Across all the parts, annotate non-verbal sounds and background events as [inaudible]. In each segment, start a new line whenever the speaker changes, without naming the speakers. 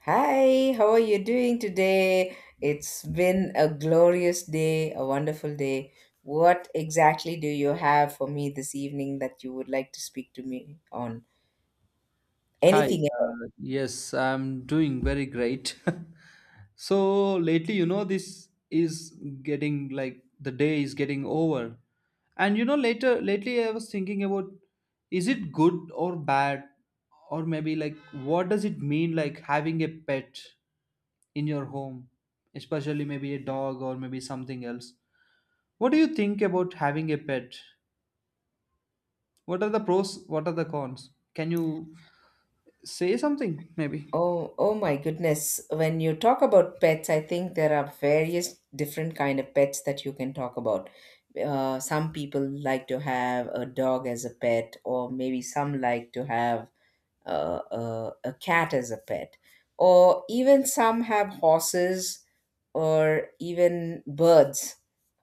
Hi, how are you doing today? It's been a glorious day, a wonderful day. What exactly do you have for me this evening that you would like to speak to me on?
Hi,
Anything at all?
yes, I'm doing very great. [laughs] So lately, you know, this is getting like the day is getting over. And you know, lately, I was thinking about, is it good or bad? Or maybe like what does it mean like having a pet in your home, especially maybe a dog or maybe something else? What do you think about having a pet? What are the pros? What are the cons? Can you say something maybe?
Oh, oh my goodness. When you talk about pets, I think there are various different kind of pets that you can talk about. Some people like to have a dog as a pet, or maybe some like to have a cat as a pet, or even some have horses or even birds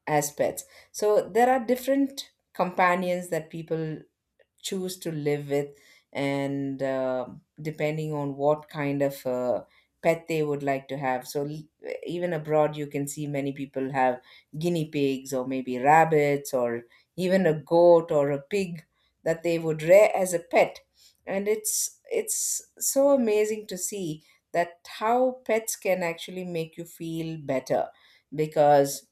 as pets. So there are different companions that people choose to live with, and depending on what kind of pet they would like to have. So even abroad you can see many people have guinea pigs or maybe rabbits or even a goat or a pig that they would rear as a pet, and it's so amazing to see that how pets can actually make you feel better, because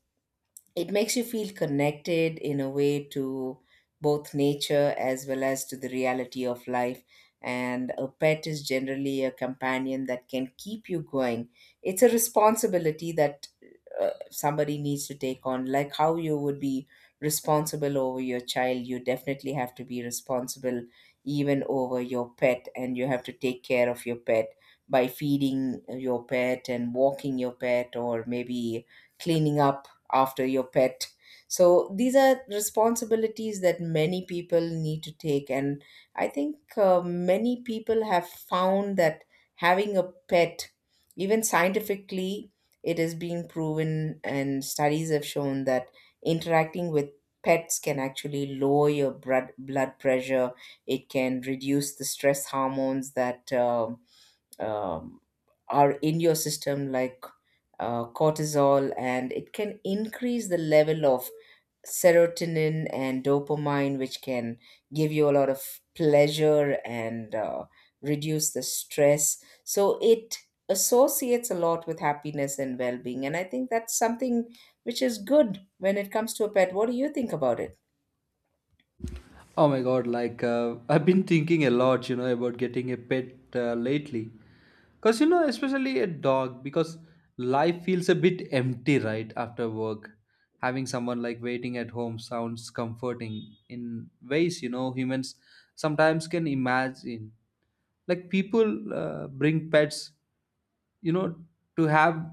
it makes you feel connected in a way to both nature as well as to the reality of life. And a pet is generally a companion that can keep you going. It's a responsibility that somebody needs to take on, like how you would be responsible over your child. You definitely have to be responsible even over your pet, and you have to take care of your pet by feeding your pet and walking your pet, or maybe cleaning up after your pet. So these are responsibilities that many people need to take, and I think many people have found that having a pet, even scientifically, it is being proven, and studies have shown that interacting with pets can actually lower your blood pressure. It can reduce the stress hormones that um, are in your system, like cortisol, and it can increase the level of serotonin and dopamine, which can give you a lot of pleasure and reduce the stress. So it associates a lot with happiness and well being. And I think that's something which is good when it comes to a pet. What do you think about it?
Oh my god, like I've been thinking a lot, you know, about getting a pet lately. Because, you know, especially a dog, because life feels a bit empty, right, after work. Having someone like waiting at home sounds comforting in ways, you know, humans sometimes can imagine. Like people bring pets, you know, to have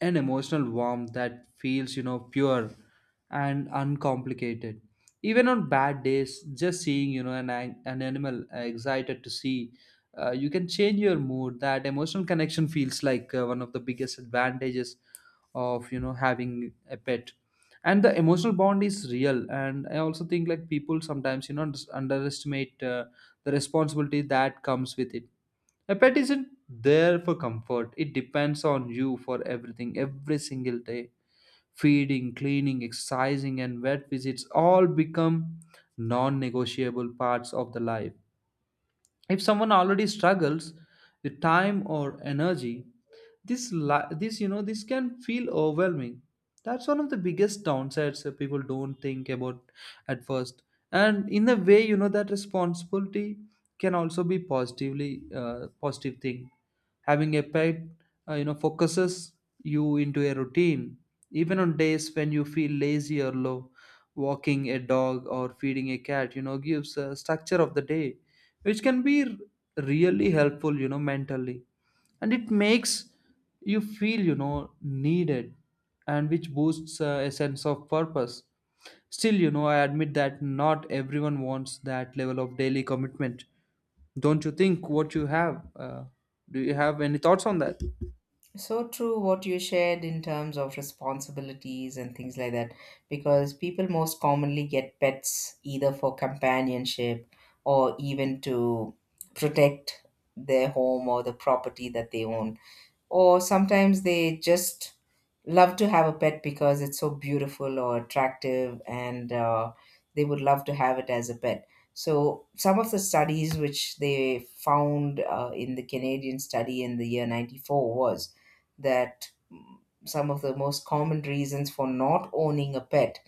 an emotional warmth that feels, you know, pure and uncomplicated, even on bad days. Just seeing, you know, an animal excited to see you, can change your mood. That emotional connection feels like one of the biggest advantages of, you know, having a pet, and the emotional bond is real. And I also think like people sometimes, you know, just underestimate the responsibility that comes with it. A pet isn't there for comfort. It depends on you for everything, every single day. Feeding, cleaning, exercising, and vet visits all become non negotiable parts of the life. If someone already struggles with time or energy, this you know, this can feel overwhelming. That's one of the biggest downsides that people don't think about at first. And in a way, you know, that responsibility can also be positive thing. Having a pet, you know, focuses you into a routine. Even on days when you feel lazy or low, walking a dog or feeding a cat, you know, gives a structure of the day, which can be really helpful, you know, mentally. And it makes you feel, you know, needed, and which boosts a sense of purpose. Still, you know, I admit that not everyone wants that level of daily commitment. Don't you think what you have? Do you have any thoughts on that?
So true what you shared in terms of responsibilities and things like that, because people most commonly get pets either for companionship or even to protect their home or the property that they own, or sometimes they just love to have a pet because it's so beautiful or attractive, and they would love to have it as a pet. So some of the studies which they found in the Canadian study in the year 94 was that some of the most common reasons for not owning a pet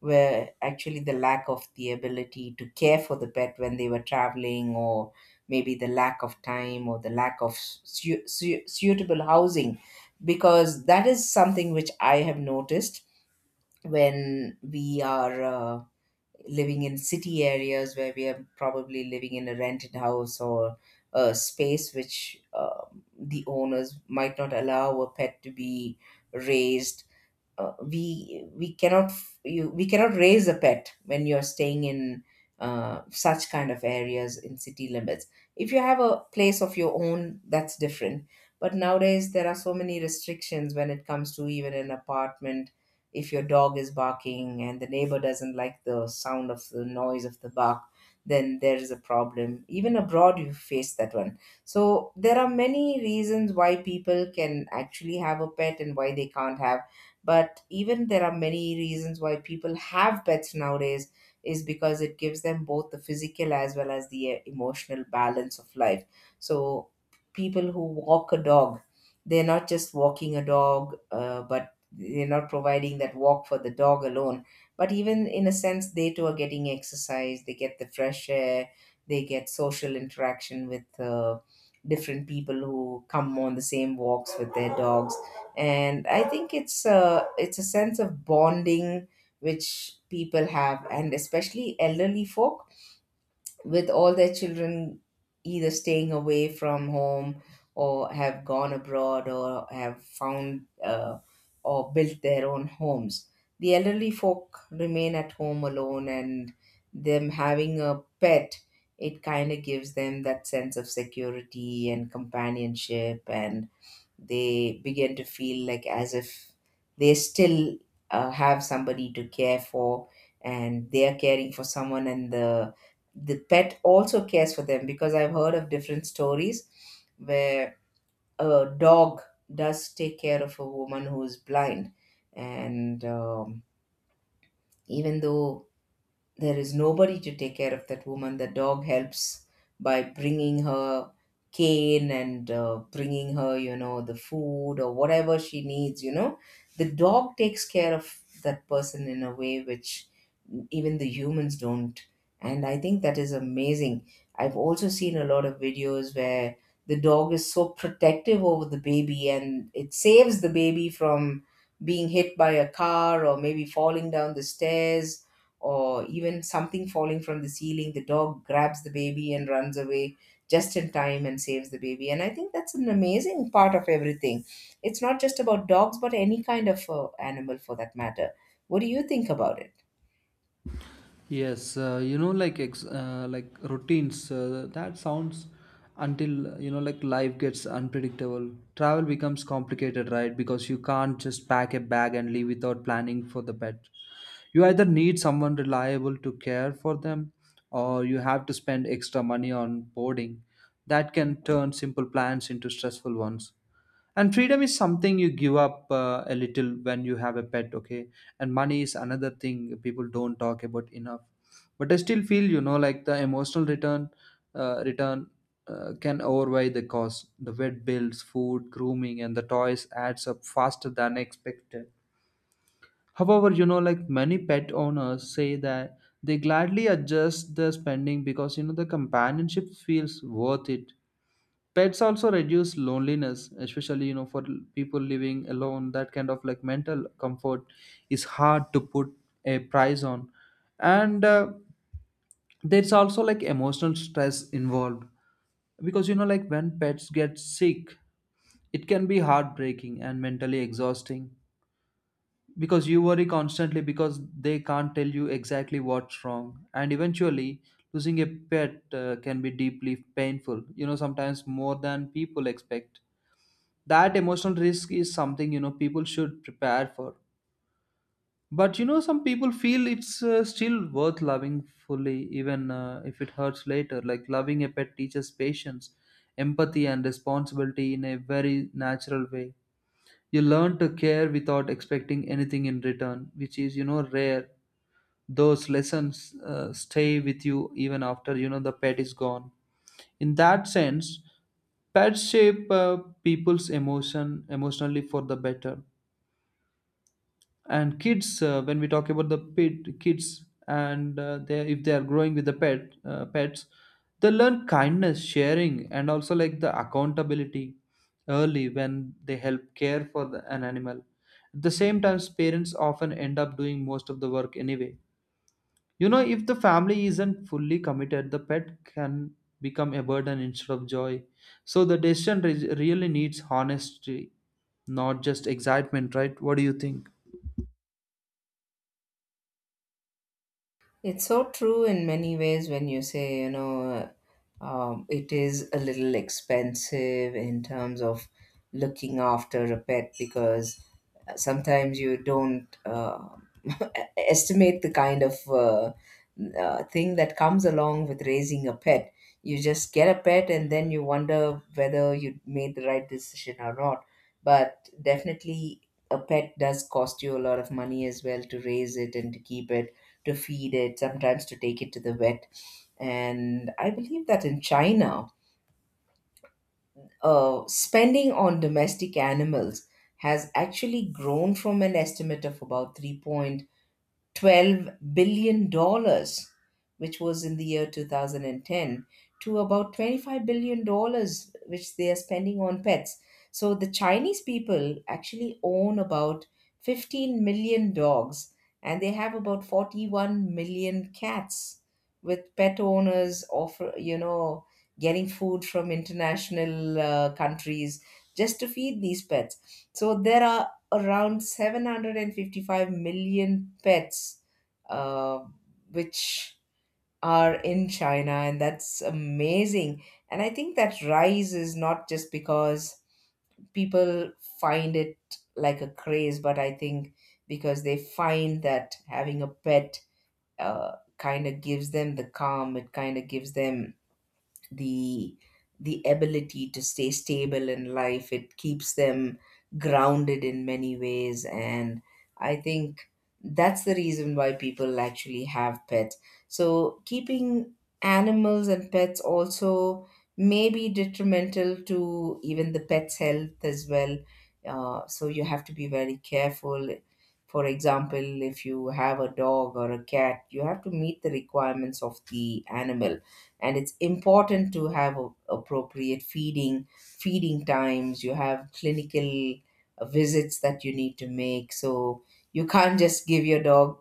were actually the lack of the ability to care for the pet when they were traveling, or maybe the lack of time, or the lack of suitable housing. Because that is something which I have noticed, when we are living in city areas where we are probably living in a rented house or a space which the owners might not allow a pet to be raised, uh, we we cannot we cannot raise a pet when you're staying in such kind of areas in city limits. If you have a place of your own, that's different. But nowadays there are so many restrictions when it comes to even an apartment. If your dog is barking and the neighbor doesn't like the sound of the noise of the bark, then there is a problem. Even abroad, you face that one. So there are many reasons why people can actually have a pet and why they can't have. But even there are many reasons why people have pets nowadays. Is because it gives them both the physical as well as the emotional balance of life. So people who walk a dog, they're not just walking a dog, but they're not providing that walk for the dog alone. But even in a sense they too are getting exercise, they get the fresh air, they get social interaction with different people who come on the same walks with their dogs. And I think it's a sense of bonding which people have, and especially elderly folk, with all their children either staying away from home, or have gone abroad, or have found or built their own homes, the elderly folk remain at home alone. And them having a pet, it kind of gives them that sense of security and companionship, and they begin to feel like as if they still have somebody to care for, and they are caring for someone. And the pet also cares for them, because I've heard of different stories where a dog does take care of a woman who's blind. And even though there is nobody to take care of that woman, the dog helps by bringing her cane and bringing her, you know, the food or whatever she needs, you know. The dog takes care of that person in a way which even the humans don't. And I think that is amazing. I've also seen a lot of videos where the dog is so protective over the baby, and it saves the baby from being hit by a car, or maybe falling down the stairs, or even something falling from the ceiling. The dog grabs the baby and runs away just in time and saves the baby. And I think that's an amazing part of everything. It's not just about dogs, but any kind of animal for that matter. What do you think about it?
Yes, you know, like like routines. That sounds, until you know, like life gets unpredictable. Travel becomes complicated, right? Because you can't just pack a bag and leave without planning for the pet. You either need someone reliable to care for them, or you have to spend extra money on boarding. That can turn simple plans into stressful ones. And freedom is something you give up a little when you have a pet, okay? And money is another thing people don't talk about enough, but I still feel, you know, like the emotional return can outweigh the cost. The vet bills, food, grooming, and the toys adds up faster than expected. However, you know, like many pet owners say that they gladly adjust the spending, because you know the companionship feels worth it. Pets also reduce loneliness, especially, you know, for people living alone. That kind of like mental comfort is hard to put a price on. And there's also like emotional stress involved, because you know, like when pets get sick, it can be heartbreaking and mentally exhausting, because you worry constantly, because they can't tell you exactly what's wrong. And eventually losing a pet can be deeply painful, you know, sometimes more than people expect. That emotional risk is something, you know, people should prepare for. But you know, some people feel it's still worth loving fully, even if it hurts later. Like loving a pet teaches patience, empathy, and responsibility in a very natural way. You learn to care without expecting anything in return, which is, you know, rare. Those lessons stay with you even after, you know, the pet is gone. In that sense, pets shape people's emotionally for the better. And kids, when we talk about the pet, kids, and they, if they are growing with the pets, they learn kindness, sharing, and also like the accountability early, when they help care for an animal. At the same time, parents often end up doing most of the work anyway. You know, if the family isn't fully committed, the pet can become a burden instead of joy. So the decision really needs honesty, not just excitement, right? What do you think?
It's so true in many ways when you say, you know, it is a little expensive in terms of looking after a pet, because sometimes you don't [laughs] estimate the kind of thing that comes along with raising a pet. You just get a pet and then you wonder whether you made the right decision or not. But definitely, a pet does cost you a lot of money as well to raise it and to keep it, to feed it, sometimes to take it to the vet. And I believe that in China, spending on domestic animals has actually grown from an estimate of about 3, $12 billion dollars, which was in the year 2010, to about $25 billion dollars, which they are spending on pets. So the Chinese people actually own about 15 million dogs, and they have about 41 million cats, with pet owners offer getting food from international countries just to feed these pets. So there are around 755 million pets uh, which are in China, and that's amazing. And I think that rise is not just because people find it like a craze, but I think because they find that having a pet uh, kind of gives them the calm, it kind of gives them the the ability to stay stable in life, it keeps them grounded in many ways. And I think that's the reason why people actually have pets. So keeping animals and pets also may be detrimental to even the pet's health as well, so you have to be very careful. For example, if you have a dog or a cat, you have to meet the requirements of the animal, and it's important to have a, appropriate feeding times. You have clinical visits that you need to make. So you can't just give your dog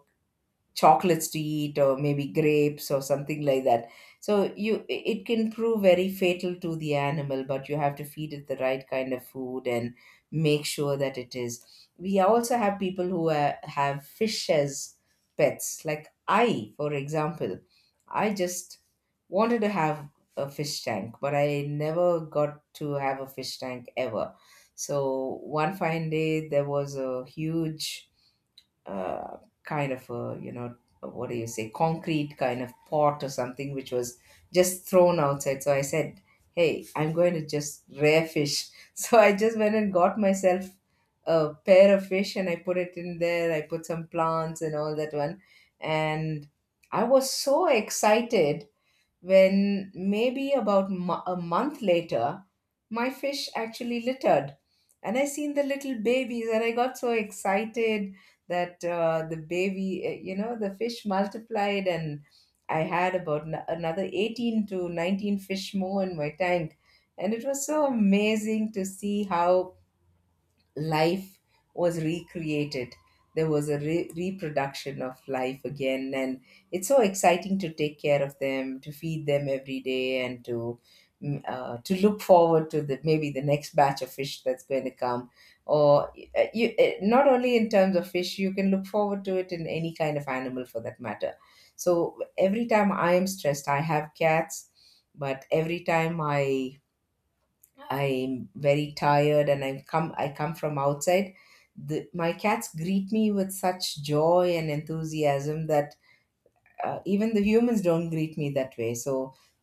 chocolates to eat, or maybe grapes or something like that. So you, it can prove very fatal to the animal, but you have to feed it the right kind of food and make sure that it is. We also have people who have fish as pets. Like I, for example, I just wanted to have a fish tank, but I never got to have a fish tank ever. So one fine day there was a huge uh, kind of a, you know, what do you say, concrete kind of pot or something, which was just thrown outside. So I said, hey, I'm going to just rare fish [laughs] so I just went and got myself a pair of fish, and I put it in there, I put some plants and all that one. And I was so excited when, maybe about a month later, my fish actually littered. And I seen the little babies, and I got so excited that the baby, the fish multiplied, and I had about another 18 to 19 fish more in my tank. And it was so amazing to see how life was recreated. There was a reproduction of life again, and it's so exciting to take care of them, to feed them every day, and to look forward to the maybe the next batch of fish that's going to come. Or Not only in terms of fish, you can look forward to it in any kind of animal for that matter. So every time I am stressed, I have cats, but every time I'm very tired and I come from outside. My cats greet me with such joy and enthusiasm that even the humans don't greet me that way. So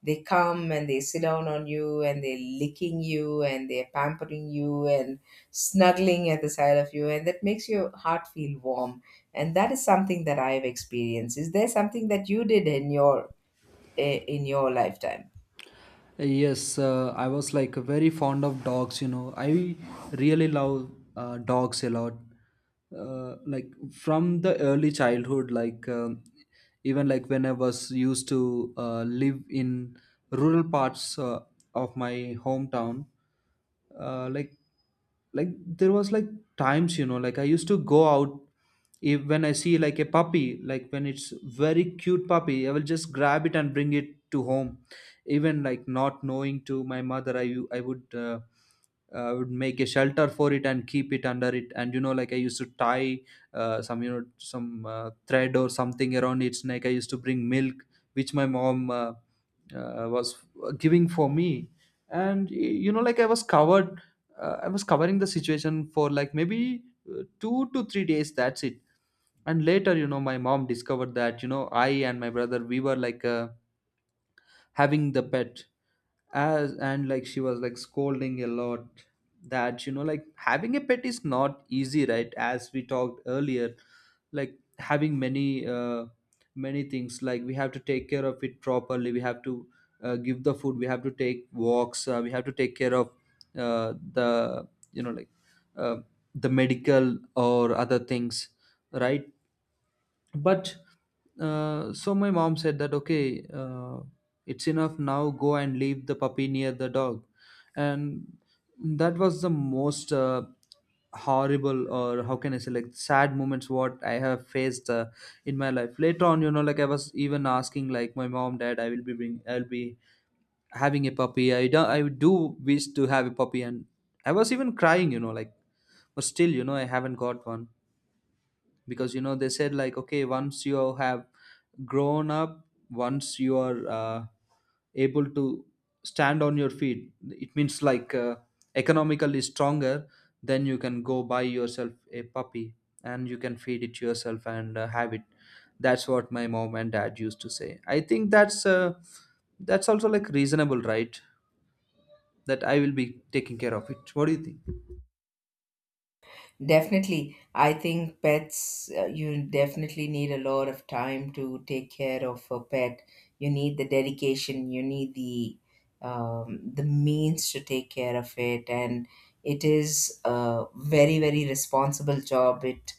they come and they sit down on you and they're licking you and they're pampering you and snuggling at the side of you, and that makes your heart feel warm. And that is something that I've experienced. Is there something that you did in your in your lifetime?
Yes, I was like very fond of dogs, you know. I really love dogs a lot. Like from the early childhood, like even like when I was used to live in rural parts of my hometown, uh, like like there was like times, you know, like I used to go out, if when I see like a puppy, like when it's very cute puppy, I will just grab it and bring it to home, even like not knowing to my mother. I would I would make a shelter for it and keep it under it. And you know, like I used to tie some, you know, some thread or something around its neck. I used to bring milk which my mom was giving for me. And you know, like I was covered I was covering the situation for like maybe 2 to 3 days, that's it. And later, you know, my mom discovered that, you know, I and my brother, we were like having the pet. As and like she was like scolding a lot, that you know, like having a pet is not easy, right? As we talked earlier, like having many many things, like we have to take care of it properly. We have to give the food. We have to take walks. We have to take care of the, you know, like uh, the medical or other things, right? But so my mom said that, okay, it's enough now. Go and leave the puppy near the dog. And that was the most horrible, or how can I say, like, sad moments what I have faced in my life. Later on, you know, like I was even asking like my mom, dad, I will be I'll be having a puppy. I do wish to have a puppy. And I was even crying, you know, like, but still, you know, I haven't got one, because you know they said, like, okay, once you have grown up, once you are able to stand on your feet, it means like economically stronger, then you can go buy yourself a puppy, and you can feed it yourself, and have it. That's what my mom and dad used to say. I think that's also like reasonable, right? That I will be taking care of it. What do you think?
Definitely. I think pets, you definitely need a lot of time to take care of a pet. You need the dedication, you need the means to take care of it, and it is a very, very responsible job. It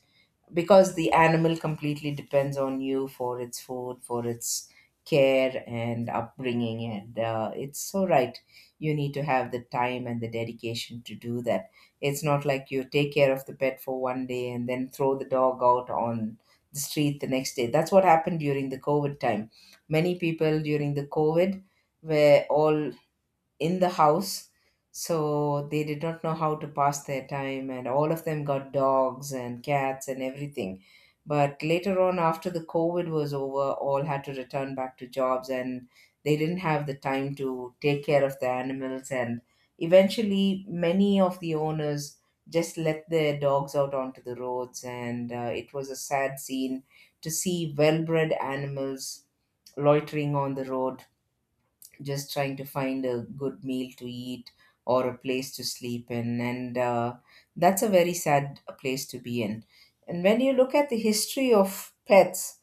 because the animal completely depends on you for its food, for its care and upbringing, and it's so right. You need to have the time and the dedication to do that. It's not like you take care of the pet for one day and then throw the dog out on the street the next day. That's what happened during the COVID time. Many people during the COVID were all in the house, so they did not know how to pass their time, and all of them got dogs and cats and everything. But later on, after the COVID was over, all had to return back to jobs, and they didn't have the time to take care of the animals. And eventually many of the owners just let their dogs out onto the roads, and it was a sad scene to see well-bred animals loitering on the road, just trying to find a good meal to eat or a place to sleep in. And that's a very sad place to be in. And when you look at the history of pets,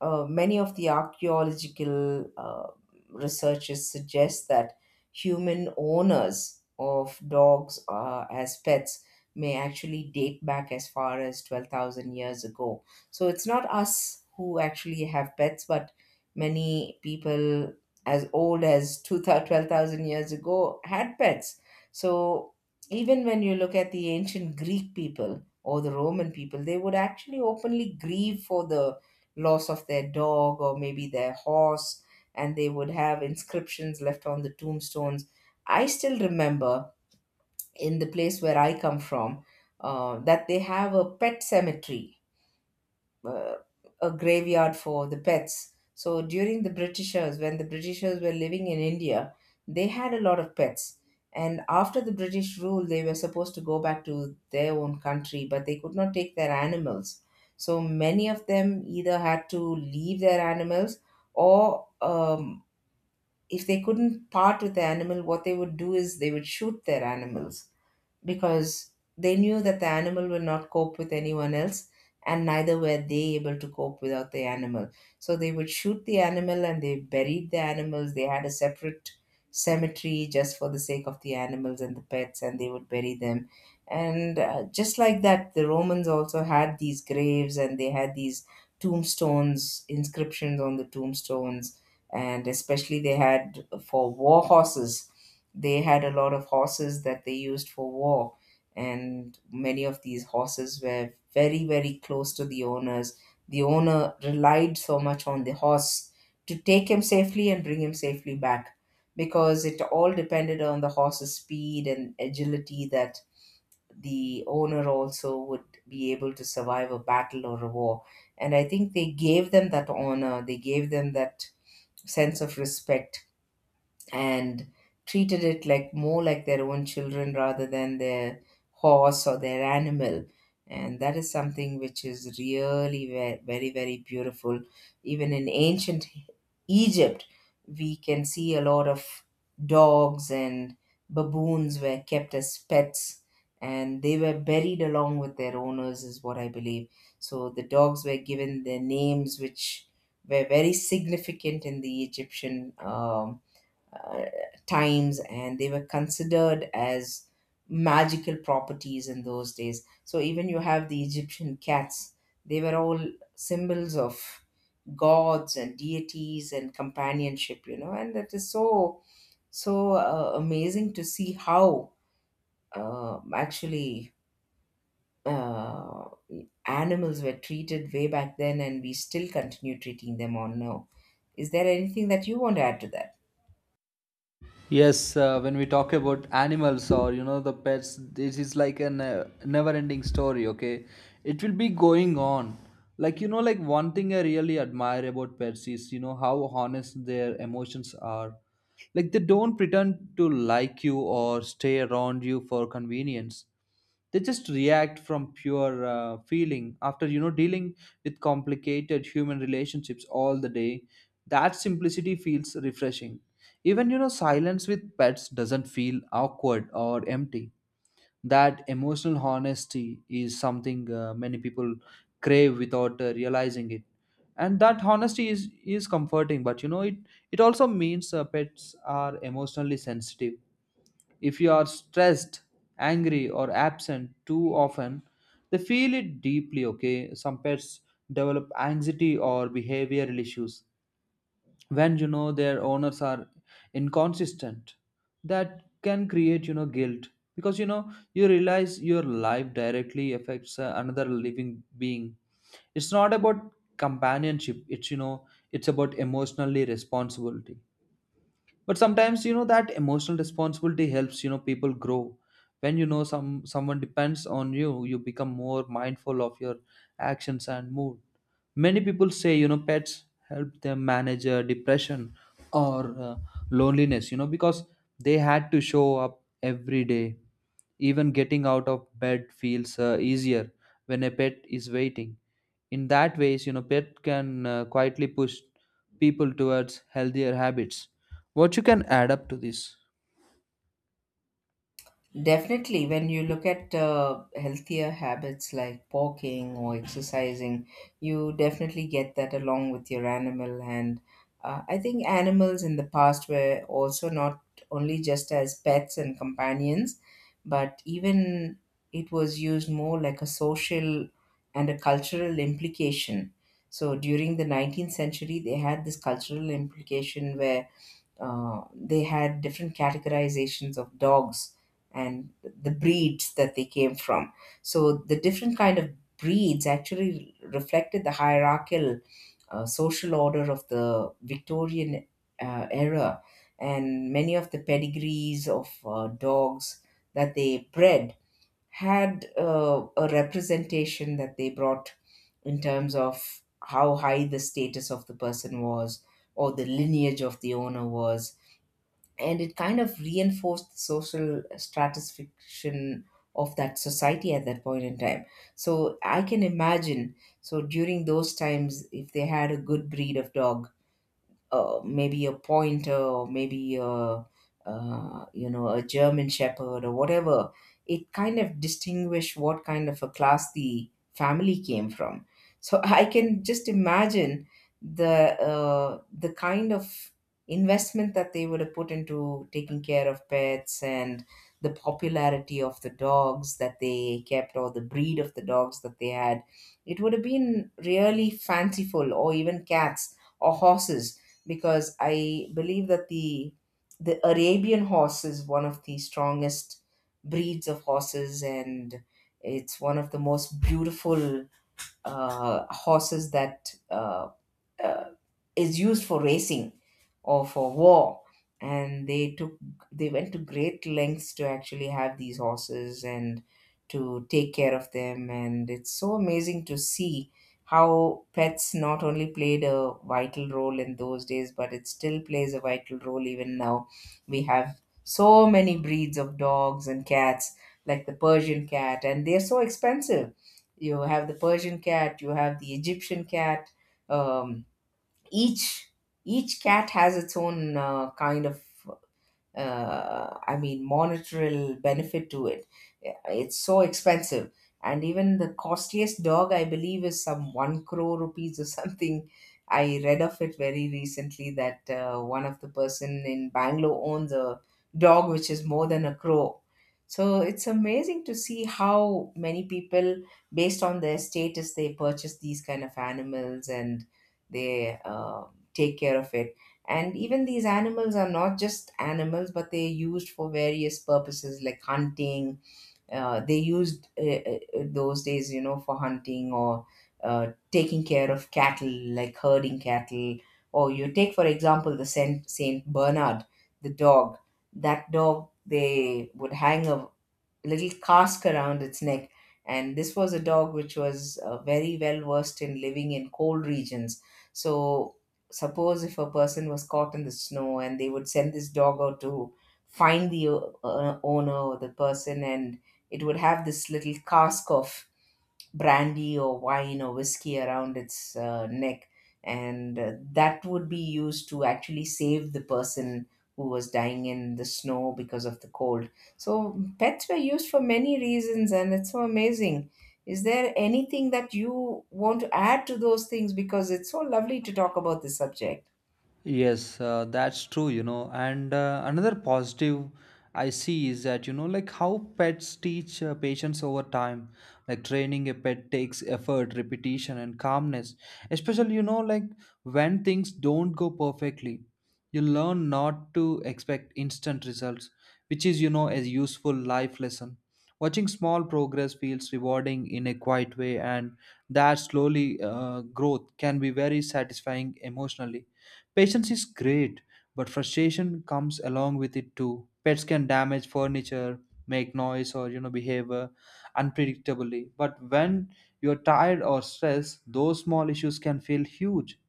many of the archaeological researchers suggest that human owners of dogs as pets may actually date back as far as 12,000 years ago. So it's not us who actually have pets, but many people as old as 2000 12,000 years ago had pets. So even when you look at the ancient Greek people or the Roman people, they would actually openly grieve for the loss of their dog or maybe their horse, and they would have inscriptions left on the tombstones. I still remember, in the place where I come from, that they have a pet cemetery, uh, a graveyard for the pets. So during the Britishers, when the Britishers were living in India, they had a lot of pets. And after the British rule, they were supposed to go back to their own country, but they could not take their animals. So many of them either had to leave their animals, or if they couldn't part with the animal, what they would do is they would shoot their animals, because they knew that the animal will not cope with anyone else, and neither were they able to cope without the animal. So they would shoot the animal, and they buried the animals. They had a separate cemetery just for the sake of the animals and the pets, and they would bury them. And just like that, the Romans also had these graves, and they had these tombstones, inscriptions on the tombstones. And especially they had for war horses. They had a lot of horses that they used for war, and many of these horses were very, very close to the owners. The owner relied so much on the horse to take him safely and bring him safely back, because it all depended on the horse's speed and agility that the owner also would be able to survive a battle or a war. And I think they gave them that honor, they gave them that sense of respect, and treated it like more like their own children rather than their horse or their animal. And that is something which is really very, very beautiful. Even in ancient Egypt, we can see a lot of dogs and baboons were kept as pets, and they were buried along with their owners, is what I believe. So the dogs were given their names, which were very significant in the Egyptian uh, times, and they were considered as magical properties in those days. So even you have the Egyptian cats, they were all symbols of gods and deities and companionship, you know, and that is so, so amazing to see how actually uh, animals were treated way back then, and we still continue treating them on now. Is there anything that you want to add to that?
Yes, when we talk about animals, or you know, the pets, this is like a never-ending story. Okay, it will be going on. Like you know, like one thing I really admire about pets is, you know, how honest their emotions are. Like they don't pretend to like you or stay around you for convenience. They just react from pure feeling. After, you know, dealing with complicated human relationships all the day, that simplicity feels refreshing. Even, you know, silence with pets doesn't feel awkward or empty. That emotional honesty is something many people crave without realizing it. And that honesty is comforting, but you know, it also means pets are emotionally sensitive. If you are stressed, angry, or absent too often, they feel it deeply, okay? Some pets develop anxiety or behavioral issues when, you know, their owners are inconsistent. That can create, you know, guilt, because you know, you realize your life directly affects another living being. It's not about companionship. It's, you know, it's about emotionally responsibility. But sometimes, you know, that emotional responsibility helps, you know, people grow. When you know someone depends on you, you become more mindful of your actions and mood. Many people say, you know, pets help them manage depression or loneliness, you know, because they had to show up every day. Even getting out of bed feels easier when a pet is waiting. In that ways, you know, pet can quietly push people towards healthier habits. What you can add up to this?
Definitely, when you look at healthier habits like walking or exercising, you definitely get that along with your animal. And I think animals in the past were also not only just as pets and companions, but even it was used more like a social and a cultural implication. So during the 19th century, they had this cultural implication where they had different categorizations of dogs and the breeds that they came from. So the different kind of breeds actually reflected the hierarchical social order of the Victorian era. And many of the pedigrees of dogs that they bred had a representation that they brought in terms of how high the status of the person was or the lineage of the owner was, and it kind of reinforced the social stratification of that society at that point in time. So I can imagine, so during those times, if they had a good breed of dog, maybe a pointer or maybe a you know, a German Shepherd or whatever, it kind of distinguished what kind of a class the family came from. So [laughs] I can just imagine the kind of investment that they would have put into taking care of pets, and the popularity of the dogs that they kept or the breed of the dogs that they had. It would have been really fanciful, or even cats or horses, because I believe that the Arabian horse is one of the strongest breeds of horses, and it's one of the most beautiful horses that uh, is used for racing or for war. And they took, they went to great lengths to actually have these horses and to take care of them, and it's so amazing to see how pets not only played a vital role in those days, but it still plays a vital role even now. We have so many breeds of dogs and cats, like the Persian cat, and they're so expensive. You have the Persian cat, you have the Egyptian cat, um, each each cat has its own kind of I mean, monetary benefit to it. Yeah, it's so expensive. And even the costliest dog, I believe, is some one crore rupees or [laughs] something. I read of it very recently that one of the person in Bangalore owns a dog which is more than a crore. So it's amazing to see how many people, based on their status, they purchase these kind of animals, and they take care of it. And even these animals are not just animals, but they're used for various purposes like hunting. They used those days, you know, for hunting or taking care of cattle, like herding cattle. Or you take, for example, the Saint Bernard, the dog. That dog, they would hang a little cask around its neck. And this was a dog which was very well versed in living in cold regions. So, suppose if a person was caught in the snow, and they would send this dog out to find the owner or the person, and it would have this little cask of brandy or wine or whiskey around its neck. And that would be used to actually save the person who was dying in the snow because of the cold. So pets were used for many reasons, and it's so amazing. Is there anything that you want to add to those things, because it's so lovely to talk about this subject?
Yes, that's true, you know. And another positive I see is that, you know, like how pets teach patience over time. Like training a pet takes effort, repetition, and calmness. Especially, you know, like when things don't go perfectly, you learn not to expect instant results, which is, you know, a useful life lesson. Watching small progress feels rewarding in a quiet way, and that slowly growth can be very satisfying emotionally. Patience is great, but frustration comes along with it too. Pets can damage furniture, make noise, or you know behave unpredictably. But when you're tired or stressed, those small issues can feel huge.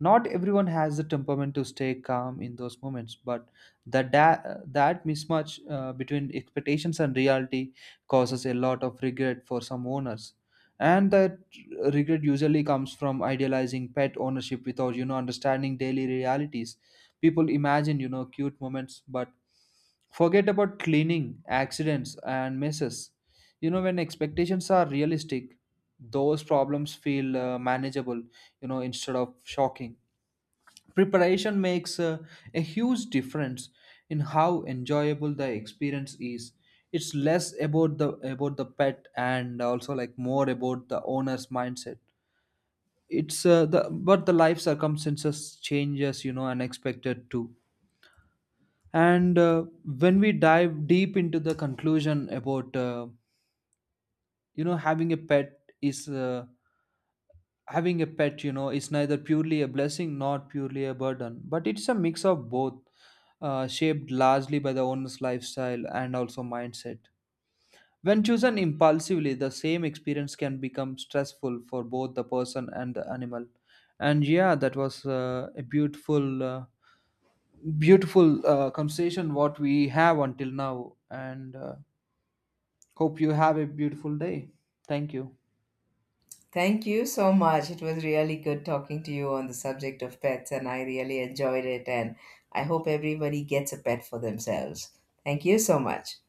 Not everyone has the temperament to stay calm in those moments, but that mismatch between expectations and reality causes a lot of regret for some owners. And that regret usually comes from idealizing pet ownership without, you know, understanding daily realities. People imagine, you know, cute moments, but forget about cleaning, accidents, and messes. You know, when expectations are realistic, those problems feel manageable, you know, instead of shocking. Preparation makes a huge difference in how enjoyable the experience is. It's less about the pet, and also like more about the owner's mindset. It's the life circumstances changes, you know, unexpected too. And when we dive deep into the conclusion about you know having a pet is uh, having a pet, you know, is neither purely a blessing nor purely a burden, but it's a mix of both, shaped largely by the owner's lifestyle and also mindset. When chosen impulsively, the same experience can become stressful for both the person and the animal. And yeah, that was a beautiful conversation what we have until now. And hope you have a beautiful day. Thank you.
Thank you so much. It was really good talking to you on the subject of pets, and I really enjoyed it. And I hope everybody gets a pet for themselves. Thank you so much.